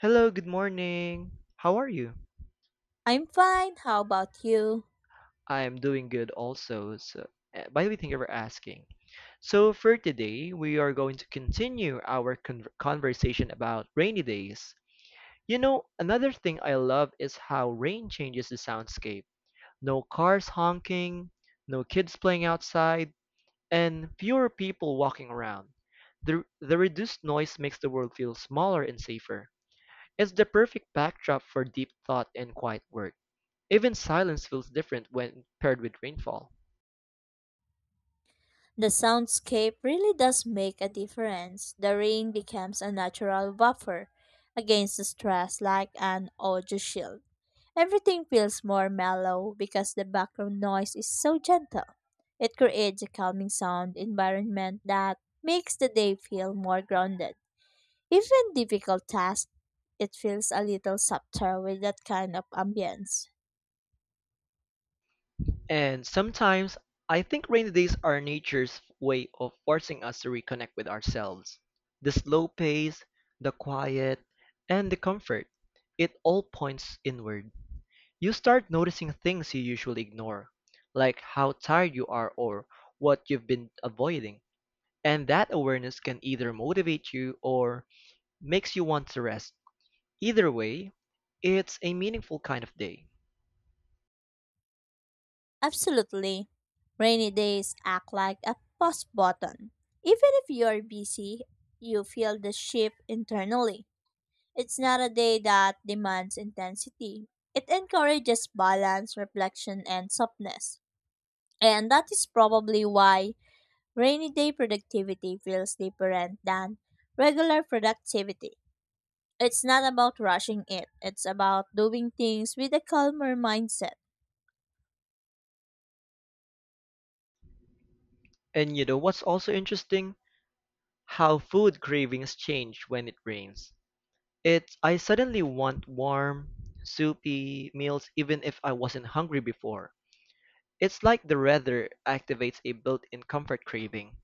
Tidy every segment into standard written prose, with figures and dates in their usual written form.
Hello, good morning. How are you? I'm fine. How about you? I am doing good also. So, by the way, thank you for asking. So, for today, we are going to continue our conversation about rainy days. You know, another thing I love is how rain changes the soundscape. No cars honking, no kids playing outside, and fewer people walking around. The reduced noise makes the world feel smaller and safer. It's the perfect backdrop for deep thought and quiet work. Even silence feels different when paired with rainfall. The soundscape really does make a difference. The rain becomes a natural buffer against the stress like an audio shield. Everything feels more mellow because the background noise is so gentle. It creates a calming sound environment that makes the day feel more grounded. Even difficult tasks, it feels a little softer with that kind of ambience. And sometimes I think rainy days are nature's way of forcing us to reconnect with ourselves. The slow pace, the quiet, and the comfort, it all points inward. You start noticing things you usually ignore, like how tired you are or what you've been avoiding. And that awareness can either motivate you or makes you want to rest. Either way, it's a meaningful kind of day. Absolutely. Rainy days act like a pause button. Even if you are busy, you feel the shift internally. It's not a day that demands intensity. It encourages balance, reflection, and softness. And that is probably why rainy day productivity feels different than regular productivity. It's not about rushing it, it's about doing things with a calmer mindset. And you know what's also interesting? How food cravings change when it rains. It's I suddenly want warm, soupy meals even if I wasn't hungry before. It's like the weather activates a built-in comfort craving.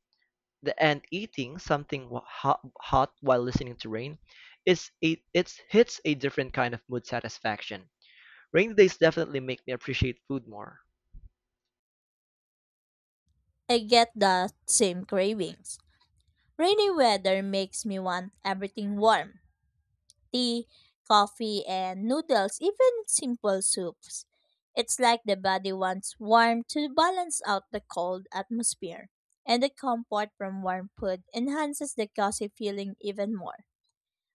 The and eating something hot, hot while listening to rain it's hits a different kind of mood satisfaction. Rainy days definitely make me appreciate food more. I get the same cravings. Rainy weather makes me want everything warm tea, coffee, and noodles, even simple soups. It's like the body wants warm to balance out the cold atmosphere. And the comfort from warm food enhances the cozy feeling even more.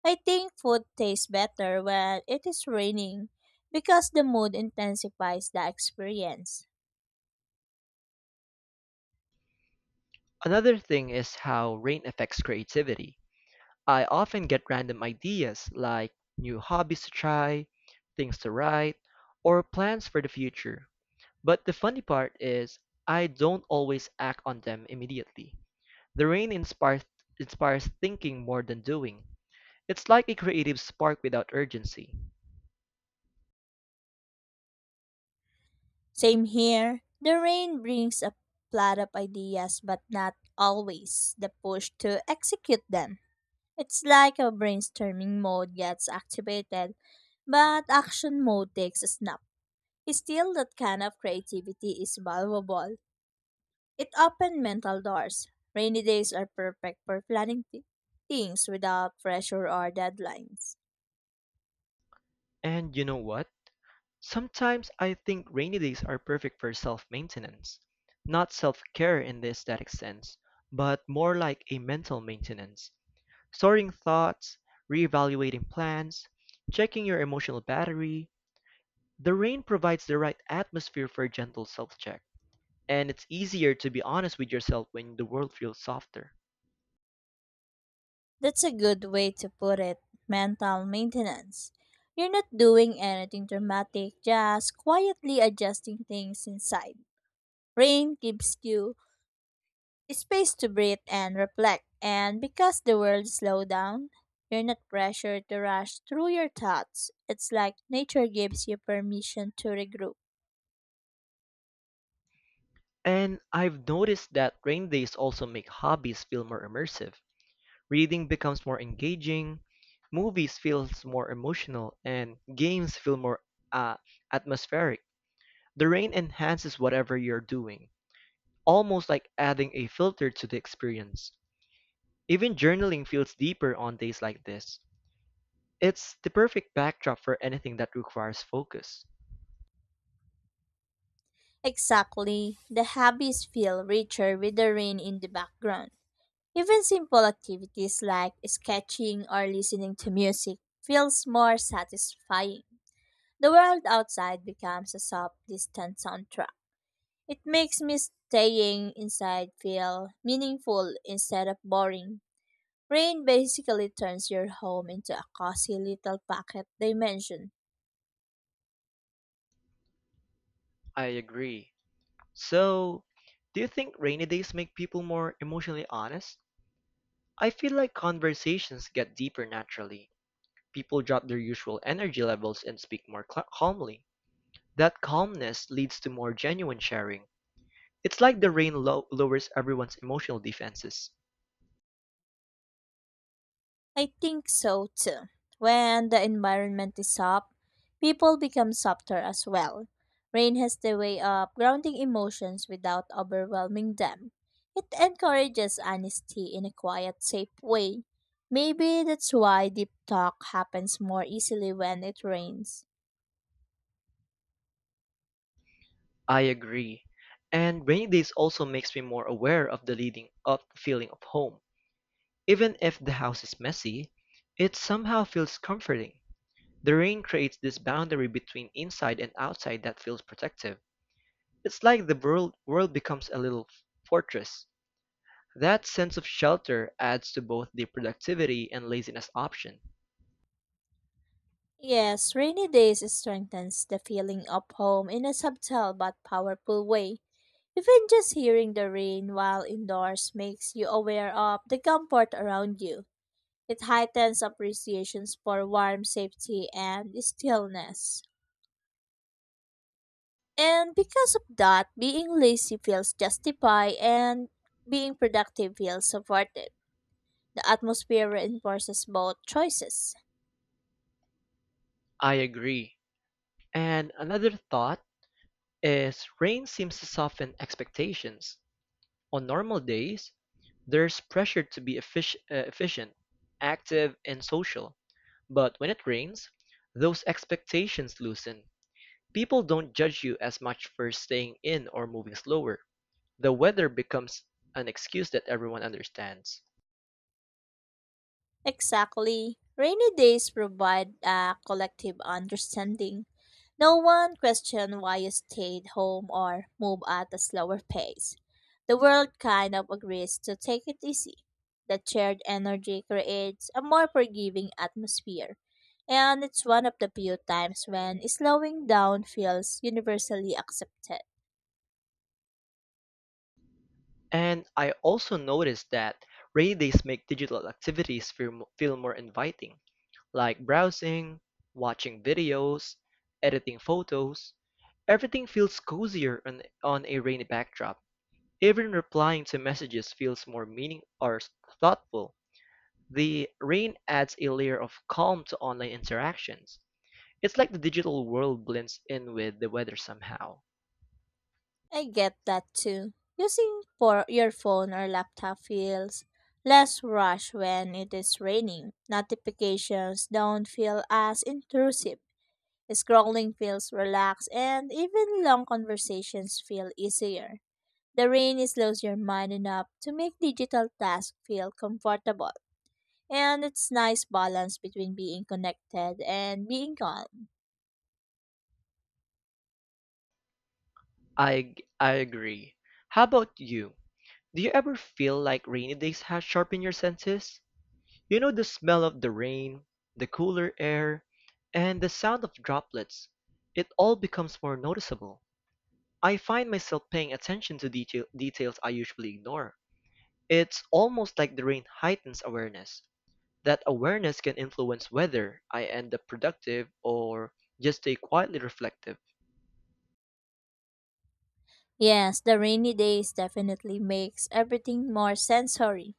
I think food tastes better when it is raining because the mood intensifies the experience. Another thing is how rain affects creativity. I often get random ideas like new hobbies to try, things to write, or plans for the future. But the funny part is, I don't always act on them immediately. The rain inspires thinking more than doing. It's like a creative spark without urgency. Same here, the rain brings a flood of ideas but not always the push to execute them. It's like a brainstorming mode gets activated, but action mode takes a snap. Still, that kind of creativity is valuable. It opened mental doors. Rainy days are perfect for planning things without pressure or deadlines. And you know what? Sometimes I think rainy days are perfect for self-maintenance. Not self-care in the aesthetic sense, but more like a mental maintenance. Sorting thoughts, reevaluating plans, checking your emotional battery. The rain provides the right atmosphere for a gentle self-check, and it's easier to be honest with yourself when the world feels softer. That's a good way to put it mental maintenance. You're not doing anything dramatic, just quietly adjusting things inside. Rain gives you space to breathe and reflect, and because the world slows down, you're not pressured to rush through your thoughts. It's like nature gives you permission to regroup. And I've noticed that rain days also make hobbies feel more immersive. Reading becomes more engaging, movies feels more emotional, and games feel more uh, atmospheric. The rain enhances whatever you're doing, almost like adding a filter to the experience. Even journaling feels deeper on days like this. It's the perfect backdrop for anything that requires focus. Exactly. The hobbies feel richer with the rain in the background. Even simple activities like sketching or listening to music feels more satisfying. The world outside becomes a soft, distant soundtrack. It makes me staying inside feel meaningful instead of boring. Rain basically turns your home into a cozy little pocket dimension. I agree. So, do you think rainy days make people more emotionally honest? I feel like conversations get deeper naturally. People drop their usual energy levels and speak more calmly. That calmness leads to more genuine sharing. It's like the rain lowers everyone's emotional defenses. I think so too. When the environment is soft, people become softer as well. Rain has the way of grounding emotions without overwhelming them. It encourages honesty in a quiet, safe way. Maybe that's why deep talk happens more easily when it rains. I agree. And rainy days also makes me more aware of the leading up feeling of home. Even if the house is messy, it somehow feels comforting. The rain creates this boundary between inside and outside that feels protective. It's like the world becomes a little fortress. That sense of shelter adds to both the productivity and laziness option. Yes, rainy days strengthens the feeling of home in a subtle but powerful way. Even just hearing the rain while indoors makes you aware of the comfort around you. It heightens appreciations for warm safety and stillness. And because of that, being lazy feels justified and being productive feels supported. The atmosphere reinforces both choices. I agree. And another thought is rain seems to soften expectations. On normal days, there's pressure to be efficient, active, and social. But when it rains, those expectations loosen. People don't judge you as much for staying in or moving slower. The weather becomes an excuse that everyone understands. Exactly. Rainy days provide a collective understanding. No one questioned why you stayed home or moved at a slower pace. The world kind of agrees to take it easy. That shared energy creates a more forgiving atmosphere. And it's one of the few times when slowing down feels universally accepted. And I also noticed that rainy days make digital activities feel more inviting, like browsing, watching videos, editing photos. Everything feels cozier on a rainy backdrop. Even replying to messages feels more thoughtful. The rain adds a layer of calm to online interactions. It's like the digital world blends in with the weather somehow. I get that too. Using for your phone or laptop feels less rush when it is raining. Notifications don't feel as intrusive. Scrolling feels relaxed, and even long conversations feel easier. The rain slows your mind enough to make digital tasks feel comfortable, and it's nice balance between being connected and being calm. I agree. How about you? Do you ever feel like rainy days have sharpened your senses? You know the smell of the rain, the cooler air, and the sound of droplets. It all becomes more noticeable. I find myself paying attention to details I usually ignore. It's almost like the rain heightens awareness. That awareness can influence whether I end up productive or just stay quietly reflective. Yes, the rainy days definitely makes everything more sensory.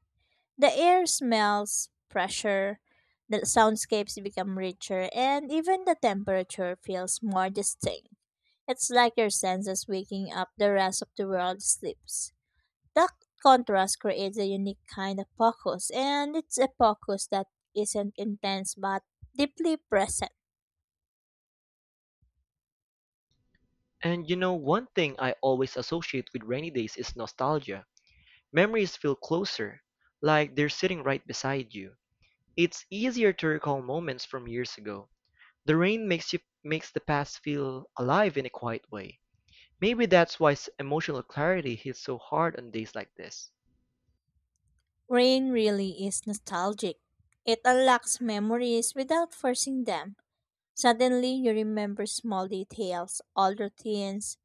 The air smells fresher, the soundscapes become richer, and even the temperature feels more distinct. It's like your senses waking up the rest of the world sleeps. That contrast creates a unique kind of focus, and it's a focus that isn't intense but deeply present. And you know, one thing I always associate with rainy days is nostalgia. Memories feel closer, like they're sitting right beside you. It's easier to recall moments from years ago. The rain makes the past feel alive in a quiet way. Maybe that's why emotional clarity hits so hard on days like this. Rain really is nostalgic. It unlocks memories without forcing them. Suddenly, you remember small details, old routines,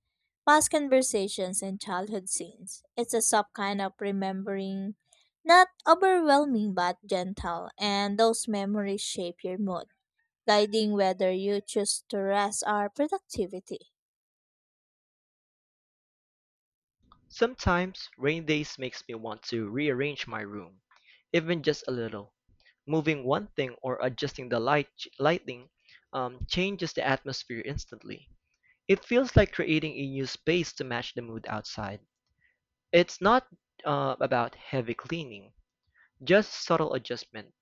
past conversations, and childhood scenes. It's a soft kind of remembering, not overwhelming but gentle, and those memories shape your mood, guiding whether you choose to rest or productivity. Sometimes rain days makes me want to rearrange my room, even just a little. Moving one thing or adjusting the lighting changes the atmosphere instantly. It feels like creating a new space to match the mood outside. It's not about heavy cleaning, just subtle adjustment,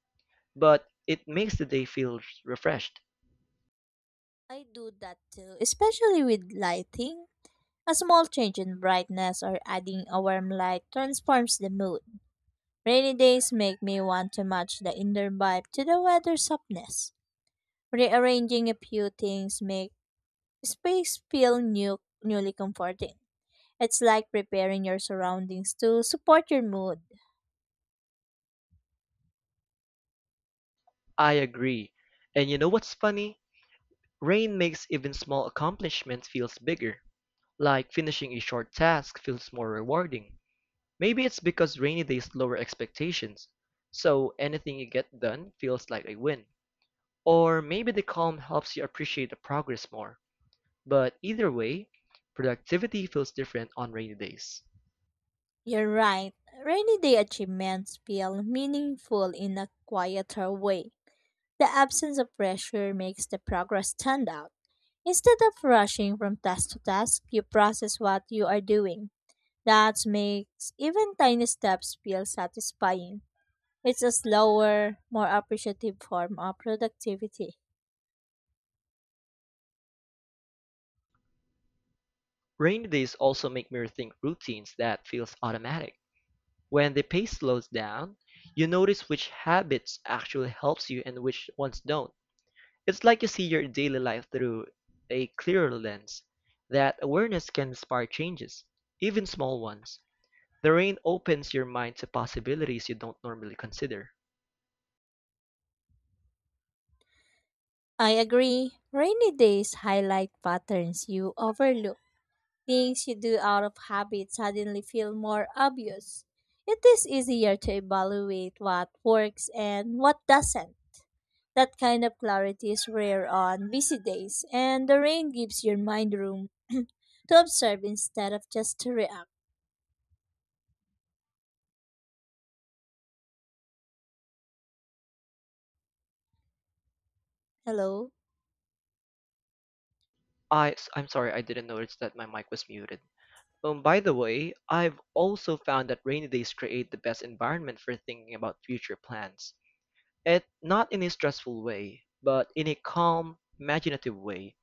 but it makes the day feel refreshed. I do that too, especially with lighting. A small change in brightness or adding a warm light transforms the mood. Rainy days make me want to match the inner vibe to the weather softness. Rearranging a few things make space feel new, newly comforting. It's like preparing your surroundings to support your mood. I agree. And you know what's funny? Rain makes even small accomplishments feels bigger. Like finishing a short task feels more rewarding. Maybe it's because rainy days lower expectations. So anything you get done feels like a win. Or maybe the calm helps you appreciate the progress more. But either way, productivity feels different on rainy days. You're right. Rainy day achievements feel meaningful in a quieter way. The absence of pressure makes the progress stand out. Instead of rushing from task to task, you process what you are doing. That makes even tiny steps feel satisfying. It's a slower, more appreciative form of productivity. Rainy days also make me rethink routines that feels automatic. When the pace slows down, you notice which habits actually helps you and which ones don't. It's like you see your daily life through a clearer lens. That awareness can inspire changes, even small ones. The rain opens your mind to possibilities you don't normally consider. I agree. Rainy days highlight patterns you overlook. Things you do out of habit suddenly feel more obvious. It is easier to evaluate what works and what doesn't. That kind of clarity is rare on busy days, and the rain gives your mind room to observe instead of just to react. Hello? I'm sorry, I didn't notice that my mic was muted. By the way, I've also found that rainy days create the best environment for thinking about future plans. It not in a stressful way, but in a calm, imaginative way.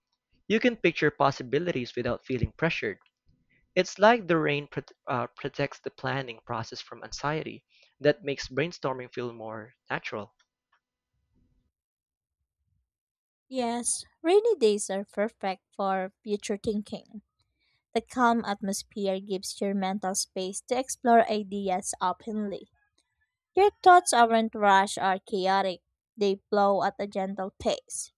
You can picture possibilities without feeling pressured. It's like the rain protects the planning process from anxiety, that makes brainstorming feel more natural. Yes, rainy days are perfect for future thinking. The calm atmosphere gives your mental space to explore ideas openly. Your thoughts aren't rushed or chaotic, they flow at a gentle pace.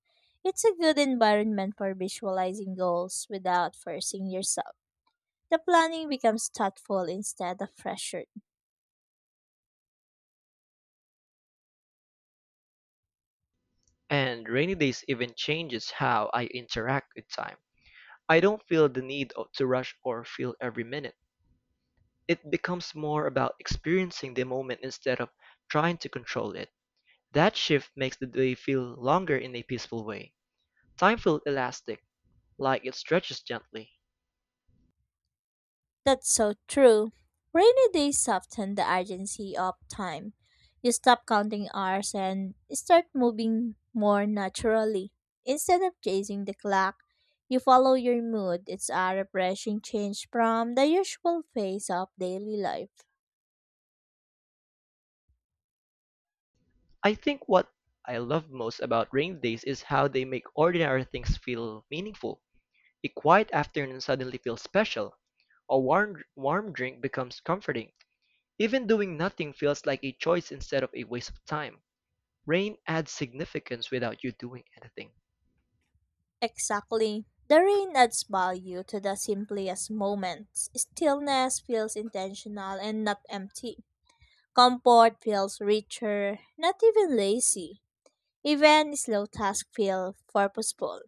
It's a good environment for visualizing goals without forcing yourself. The planning becomes thoughtful instead of pressured. And rainy days even changes how I interact with time. I don't feel the need to rush or feel every minute. It becomes more about experiencing the moment instead of trying to control it. That shift makes the day feel longer in a peaceful way. Time feels elastic, like it stretches gently. That's so true. Rainy days soften the urgency of time. You stop counting hours and start moving more naturally. Instead of chasing the clock, you follow your mood. It's a refreshing change from the usual phase of daily life. I think what I love most about rain days is how they make ordinary things feel meaningful. A quiet afternoon suddenly feels special. A warm drink becomes comforting. Even doing nothing feels like a choice instead of a waste of time. Rain adds significance without you doing anything. Exactly. The rain adds value to the simplest moments. Stillness feels intentional and not empty. Comfort feels richer, not even lazy. Even slow tasks feel purposeful.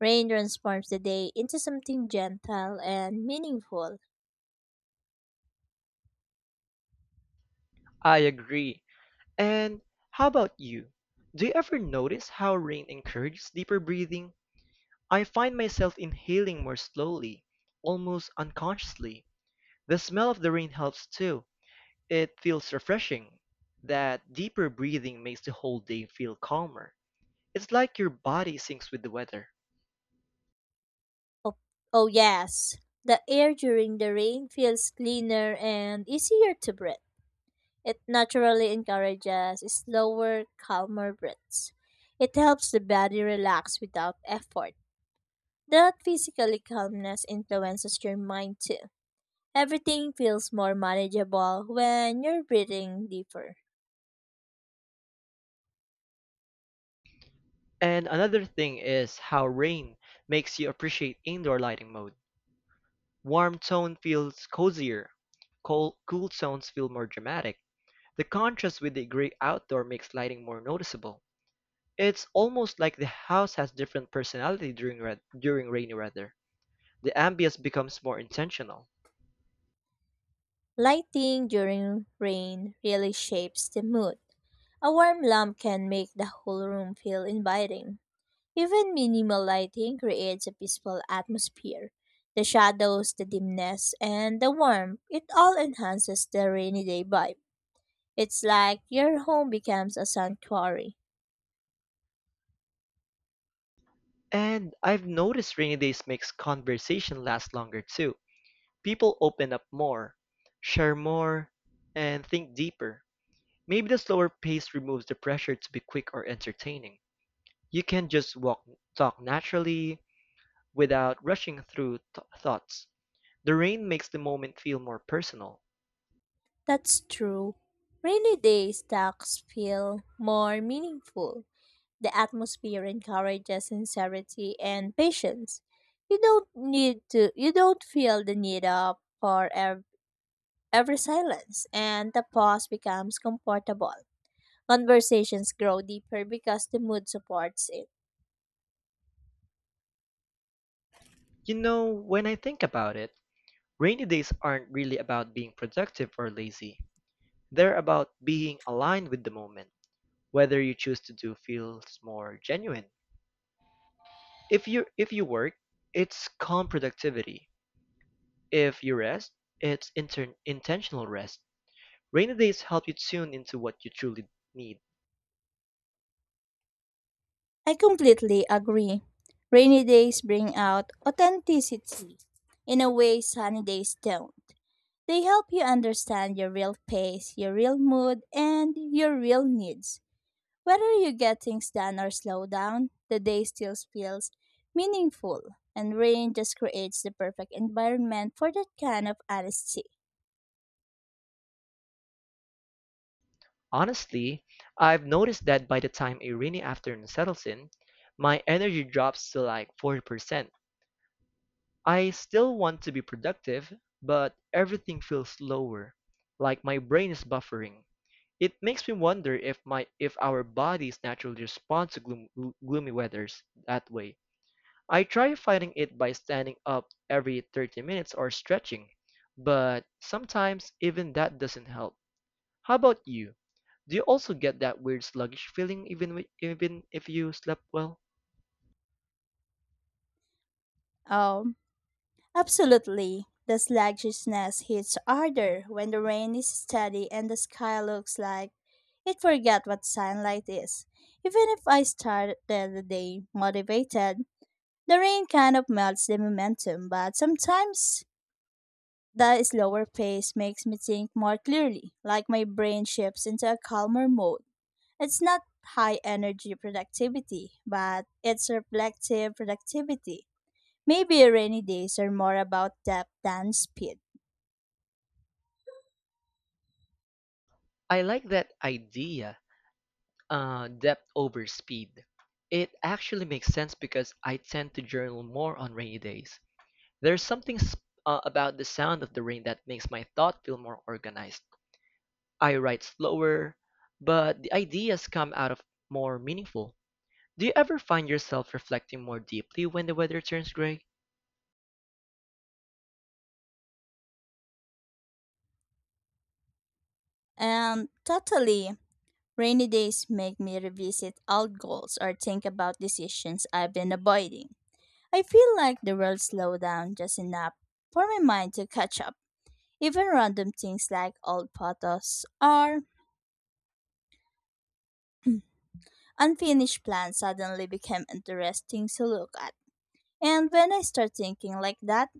Rain transforms the day into something gentle and meaningful. I agree. And how about you? Do you ever notice how rain encourages deeper breathing? I find myself inhaling more slowly, almost unconsciously. The smell of the rain helps too. It feels refreshing. That deeper breathing makes the whole day feel calmer. It's like your body syncs with the weather. Oh, oh yes, the air during the rain feels cleaner and easier to breathe. It naturally encourages slower, calmer breaths. It helps the body relax without effort. That physical calmness influences your mind too. Everything feels more manageable when you're breathing deeper. And another thing is how rain makes you appreciate indoor lighting mode. Warm tone feels cozier. Cool tones feel more dramatic. The contrast with the gray outdoor makes lighting more noticeable. It's almost like the house has different personality during rainy weather. The ambience becomes more intentional. Lighting during rain really shapes the mood. A warm lamp can make the whole room feel inviting. Even minimal lighting creates a peaceful atmosphere. The shadows, the dimness, and the warmth, it all enhances the rainy day vibe. It's like your home becomes a sanctuary. And I've noticed rainy days makes conversation last longer too. People open up more, share more, and think deeper. Maybe the slower pace removes the pressure to be quick or entertaining. You can just walk, talk naturally without rushing through thoughts. The rain makes the moment feel more personal. That's true. Rainy days talks feel more meaningful. The atmosphere encourages sincerity and patience. You don't need to you don't feel the need of for ev- every silence and the pause becomes comfortable. Conversations grow deeper because the mood supports it. You know, when I think about it, rainy days aren't really about being productive or lazy. They're about being aligned with the moment. Whether you choose to do feels more genuine. If you work, it's calm productivity. If you rest, it's intentional rest. Rainy days help you tune into what you truly need. I completely agree. Rainy days bring out authenticity in a way sunny days don't. They help you understand your real pace, your real mood, and your real needs. Whether you get things done or slow down, the day still feels meaningful, and rain just creates the perfect environment for that kind of honesty. Honestly, I've noticed that by the time a rainy afternoon settles in, my energy drops to like 40%. I still want to be productive, but everything feels slower, like my brain is buffering. It makes me wonder if our bodies naturally respond to gloomy weathers that way. I try fighting it by standing up every 30 minutes or stretching, but sometimes even that doesn't help. How about you? Do you also get that weird sluggish feeling even if you slept well? Oh. Absolutely. The sluggishness hits harder when the rain is steady and the sky looks like it forgot what sunlight is. Even if I started the day motivated, the rain kind of melts the momentum, but sometimes the slower pace makes me think more clearly, like my brain shifts into a calmer mode. It's not high energy productivity, but it's reflective productivity. Maybe rainy days are more about depth than speed. I like that idea, depth over speed. It actually makes sense because I tend to journal more on rainy days. There's something about the sound of the rain that makes my thought feel more organized. I write slower, but the ideas come out of more meaningful. Do you ever find yourself reflecting more deeply when the weather turns gray? And totally, rainy days make me revisit old goals or think about decisions I've been avoiding. I feel like the world slowed down just enough for my mind to catch up. Even random things like old photos or unfinished plans suddenly became interesting to look at. And when I start thinking like that,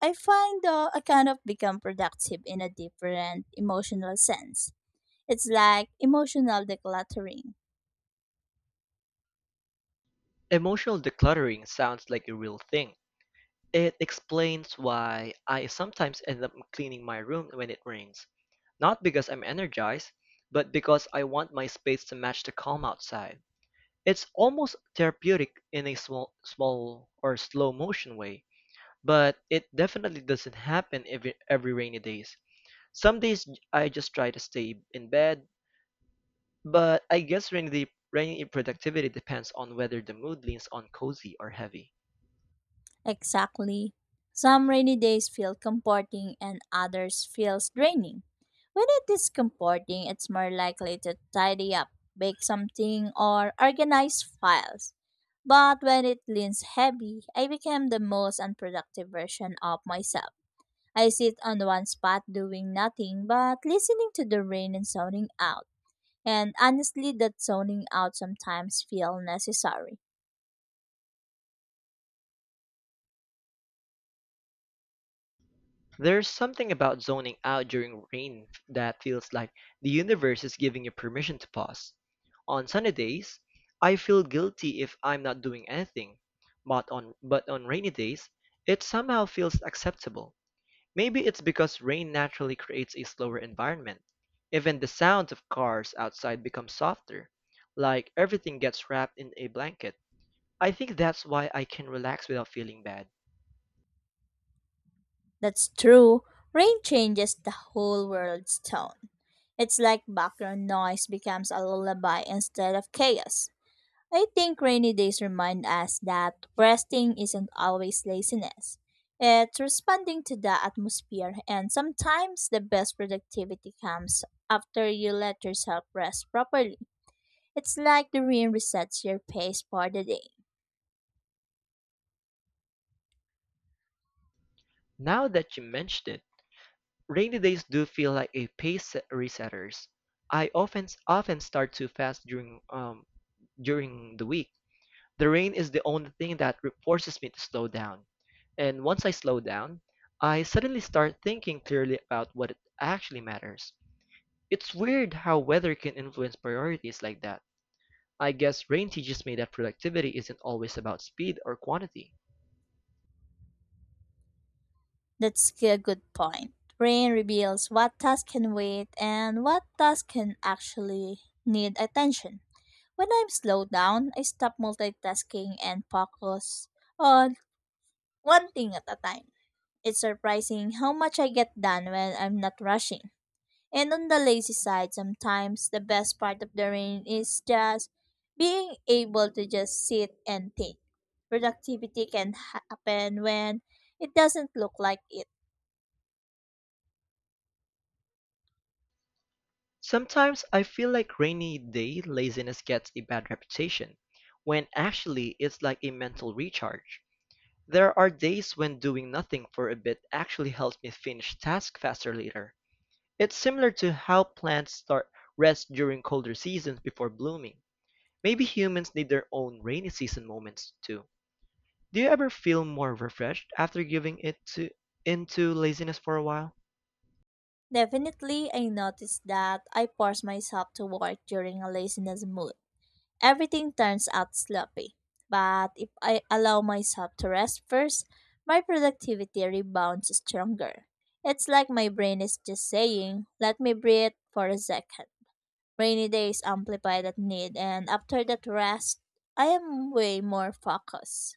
I find I kind of become productive in a different emotional sense. It's like emotional decluttering. Emotional decluttering sounds like a real thing. It explains why I sometimes end up cleaning my room when it rains. Not because I'm energized, but because I want my space to match the calm outside. It's almost therapeutic in a small or slow motion way, but it definitely doesn't happen every rainy days. Some days I just try to stay in bed, but I guess rainy productivity depends on whether the mood leans on cozy or heavy. Exactly. Some rainy days feel comforting and others feels draining. When it is comforting, it's more likely to tidy up, bake something, or organize files. But when it leans heavy, I became the most unproductive version of myself. I sit on one spot doing nothing but listening to the rain and zoning out. And honestly, that zoning out sometimes feels necessary. There's something about zoning out during rain that feels like the universe is giving you permission to pause. On sunny days, I feel guilty if I'm not doing anything, but on rainy days, it somehow feels acceptable. Maybe it's because rain naturally creates a slower environment. Even the sound of cars outside becomes softer, like everything gets wrapped in a blanket. I think that's why I can relax without feeling bad. That's true. Rain changes the whole world's tone. It's like background noise becomes a lullaby instead of chaos. I think rainy days remind us that resting isn't always laziness. It's responding to the atmosphere, and sometimes the best productivity comes after you let yourself rest properly. It's like the room resets your pace for the day. Now that you mentioned it, rainy days do feel like resetters. I often start too fast during the week. The rain is the only thing that forces me to slow down. And once I slow down, I suddenly start thinking clearly about what actually matters. It's weird how weather can influence priorities like that. I guess rain teaches me that productivity isn't always about speed or quantity. That's a good point. Rain reveals what tasks can wait and what tasks can actually need attention. When I'm slowed down, I stop multitasking and focus on one thing at a time. It's surprising how much I get done when I'm not rushing. And on the lazy side, sometimes the best part of the rain is just being able to just sit and think. Productivity can happen when it doesn't look like it. Sometimes I feel like rainy day laziness gets a bad reputation, when actually it's like a mental recharge. There are days when doing nothing for a bit actually helps me finish tasks faster later. It's similar to how plants start rest during colder seasons before blooming. Maybe humans need their own rainy season moments too. Do you ever feel more refreshed after giving it to into laziness for a while? Definitely, I noticed that I force myself to work during a laziness mood. Everything turns out sloppy. But if I allow myself to rest first, my productivity rebounds stronger. It's like my brain is just saying, let me breathe for a second. Rainy days amplify that need, and after that rest, I am way more focused.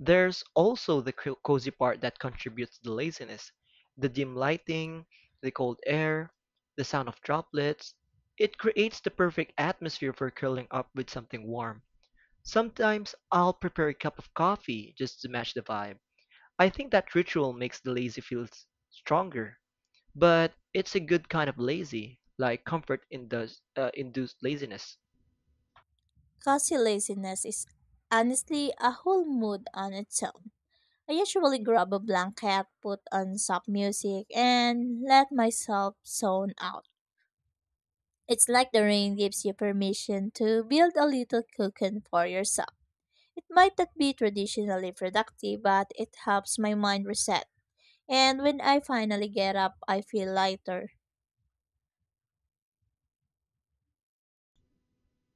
There's also the cozy part that contributes to the laziness. The dim lighting, the cold air, the sound of droplets. It creates the perfect atmosphere for curling up with something warm. Sometimes I'll prepare a cup of coffee just to match the vibe. I think that ritual makes the lazy feel stronger. But it's a good kind of lazy, like comfort induced laziness. Cause laziness is honestly a whole mood on its own. I usually grab a blanket, put on soft music, and let myself zone out. It's like the rain gives you permission to build a little cocoon for yourself. It might not be traditionally productive, but it helps my mind reset. And when I finally get up, I feel lighter.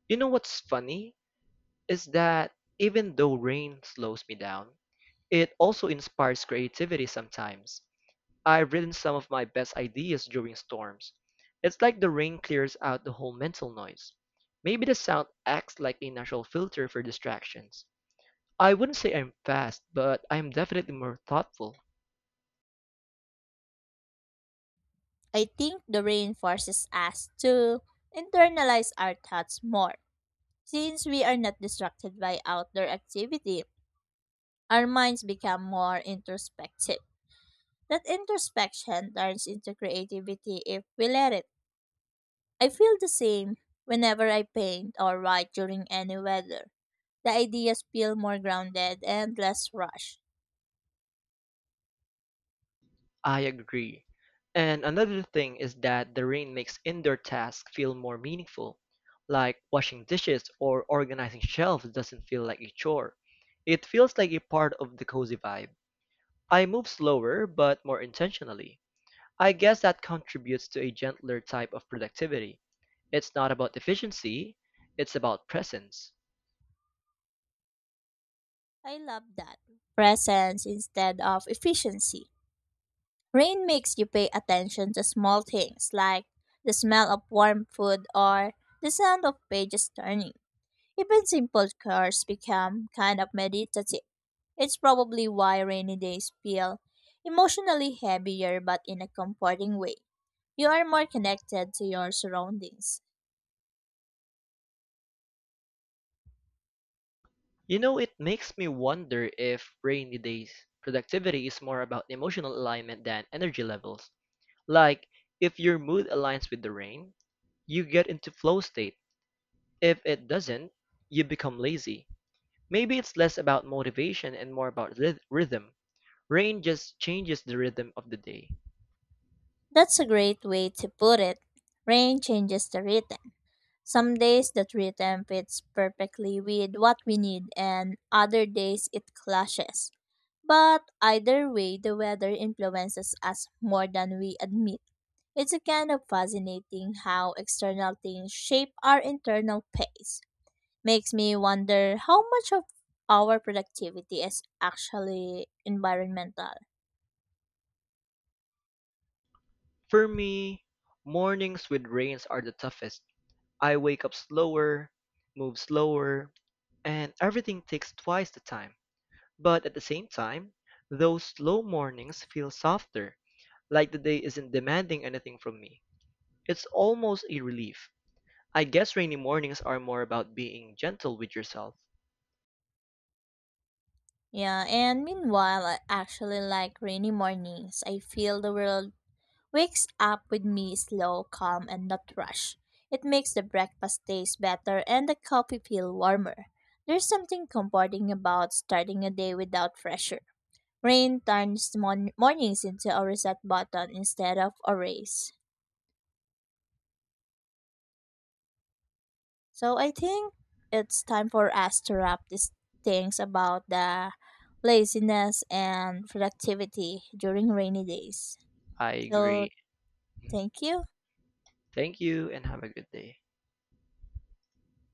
You know what's funny is that even though rain slows me down, it also inspires creativity sometimes. I've written some of my best ideas during storms. It's like the rain clears out the whole mental noise. Maybe the sound acts like a natural filter for distractions. I wouldn't say I'm fast, but I'm definitely more thoughtful. I think the rain forces us to internalize our thoughts more. Since we are not distracted by outdoor activity, our minds become more introspective. That introspection turns into creativity if we let it. I feel the same whenever I paint or write during any weather. The ideas feel more grounded and less rushed. I agree. And another thing is that the rain makes indoor tasks feel more meaningful. Like washing dishes or organizing shelves doesn't feel like a chore. It feels like a part of the cozy vibe. I move slower but more intentionally. I guess that contributes to a gentler type of productivity. It's not about efficiency, it's about presence. I love that. Presence instead of efficiency. Rain makes you pay attention to small things like the smell of warm food or the sound of pages turning. Even simple chores become kind of meditative. It's probably why rainy days feel emotionally heavier but in a comforting way. You are more connected to your surroundings. You know, it makes me wonder if rainy days productivity is more about emotional alignment than energy levels. Like, if your mood aligns with the rain, you get into flow state. If it doesn't, you become lazy. Maybe it's less about motivation and more about rhythm. Rain just changes the rhythm of the day. That's a great way to put it. Rain changes the rhythm. Some days that rhythm fits perfectly with what we need, and other days it clashes. But either way, the weather influences us more than we admit. It's kind of fascinating how external things shape our internal pace. Makes me wonder how much of our productivity is actually environmental. For me, mornings with rains are the toughest. I wake up slower, move slower, and everything takes twice the time. But at the same time, those slow mornings feel softer, like the day isn't demanding anything from me. It's almost a relief. I guess rainy mornings are more about being gentle with yourself. Yeah, and meanwhile, I actually like rainy mornings. I feel the world wakes up with me slow, calm, and not rush. It makes the breakfast taste better and the coffee feel warmer. There's something comforting about starting a day without pressure. Rain turns mornings into a reset button instead of a race. So I think it's time for us to wrap these things about the laziness and productivity during rainy days. I So agree. thank you. Thank you and have a good day.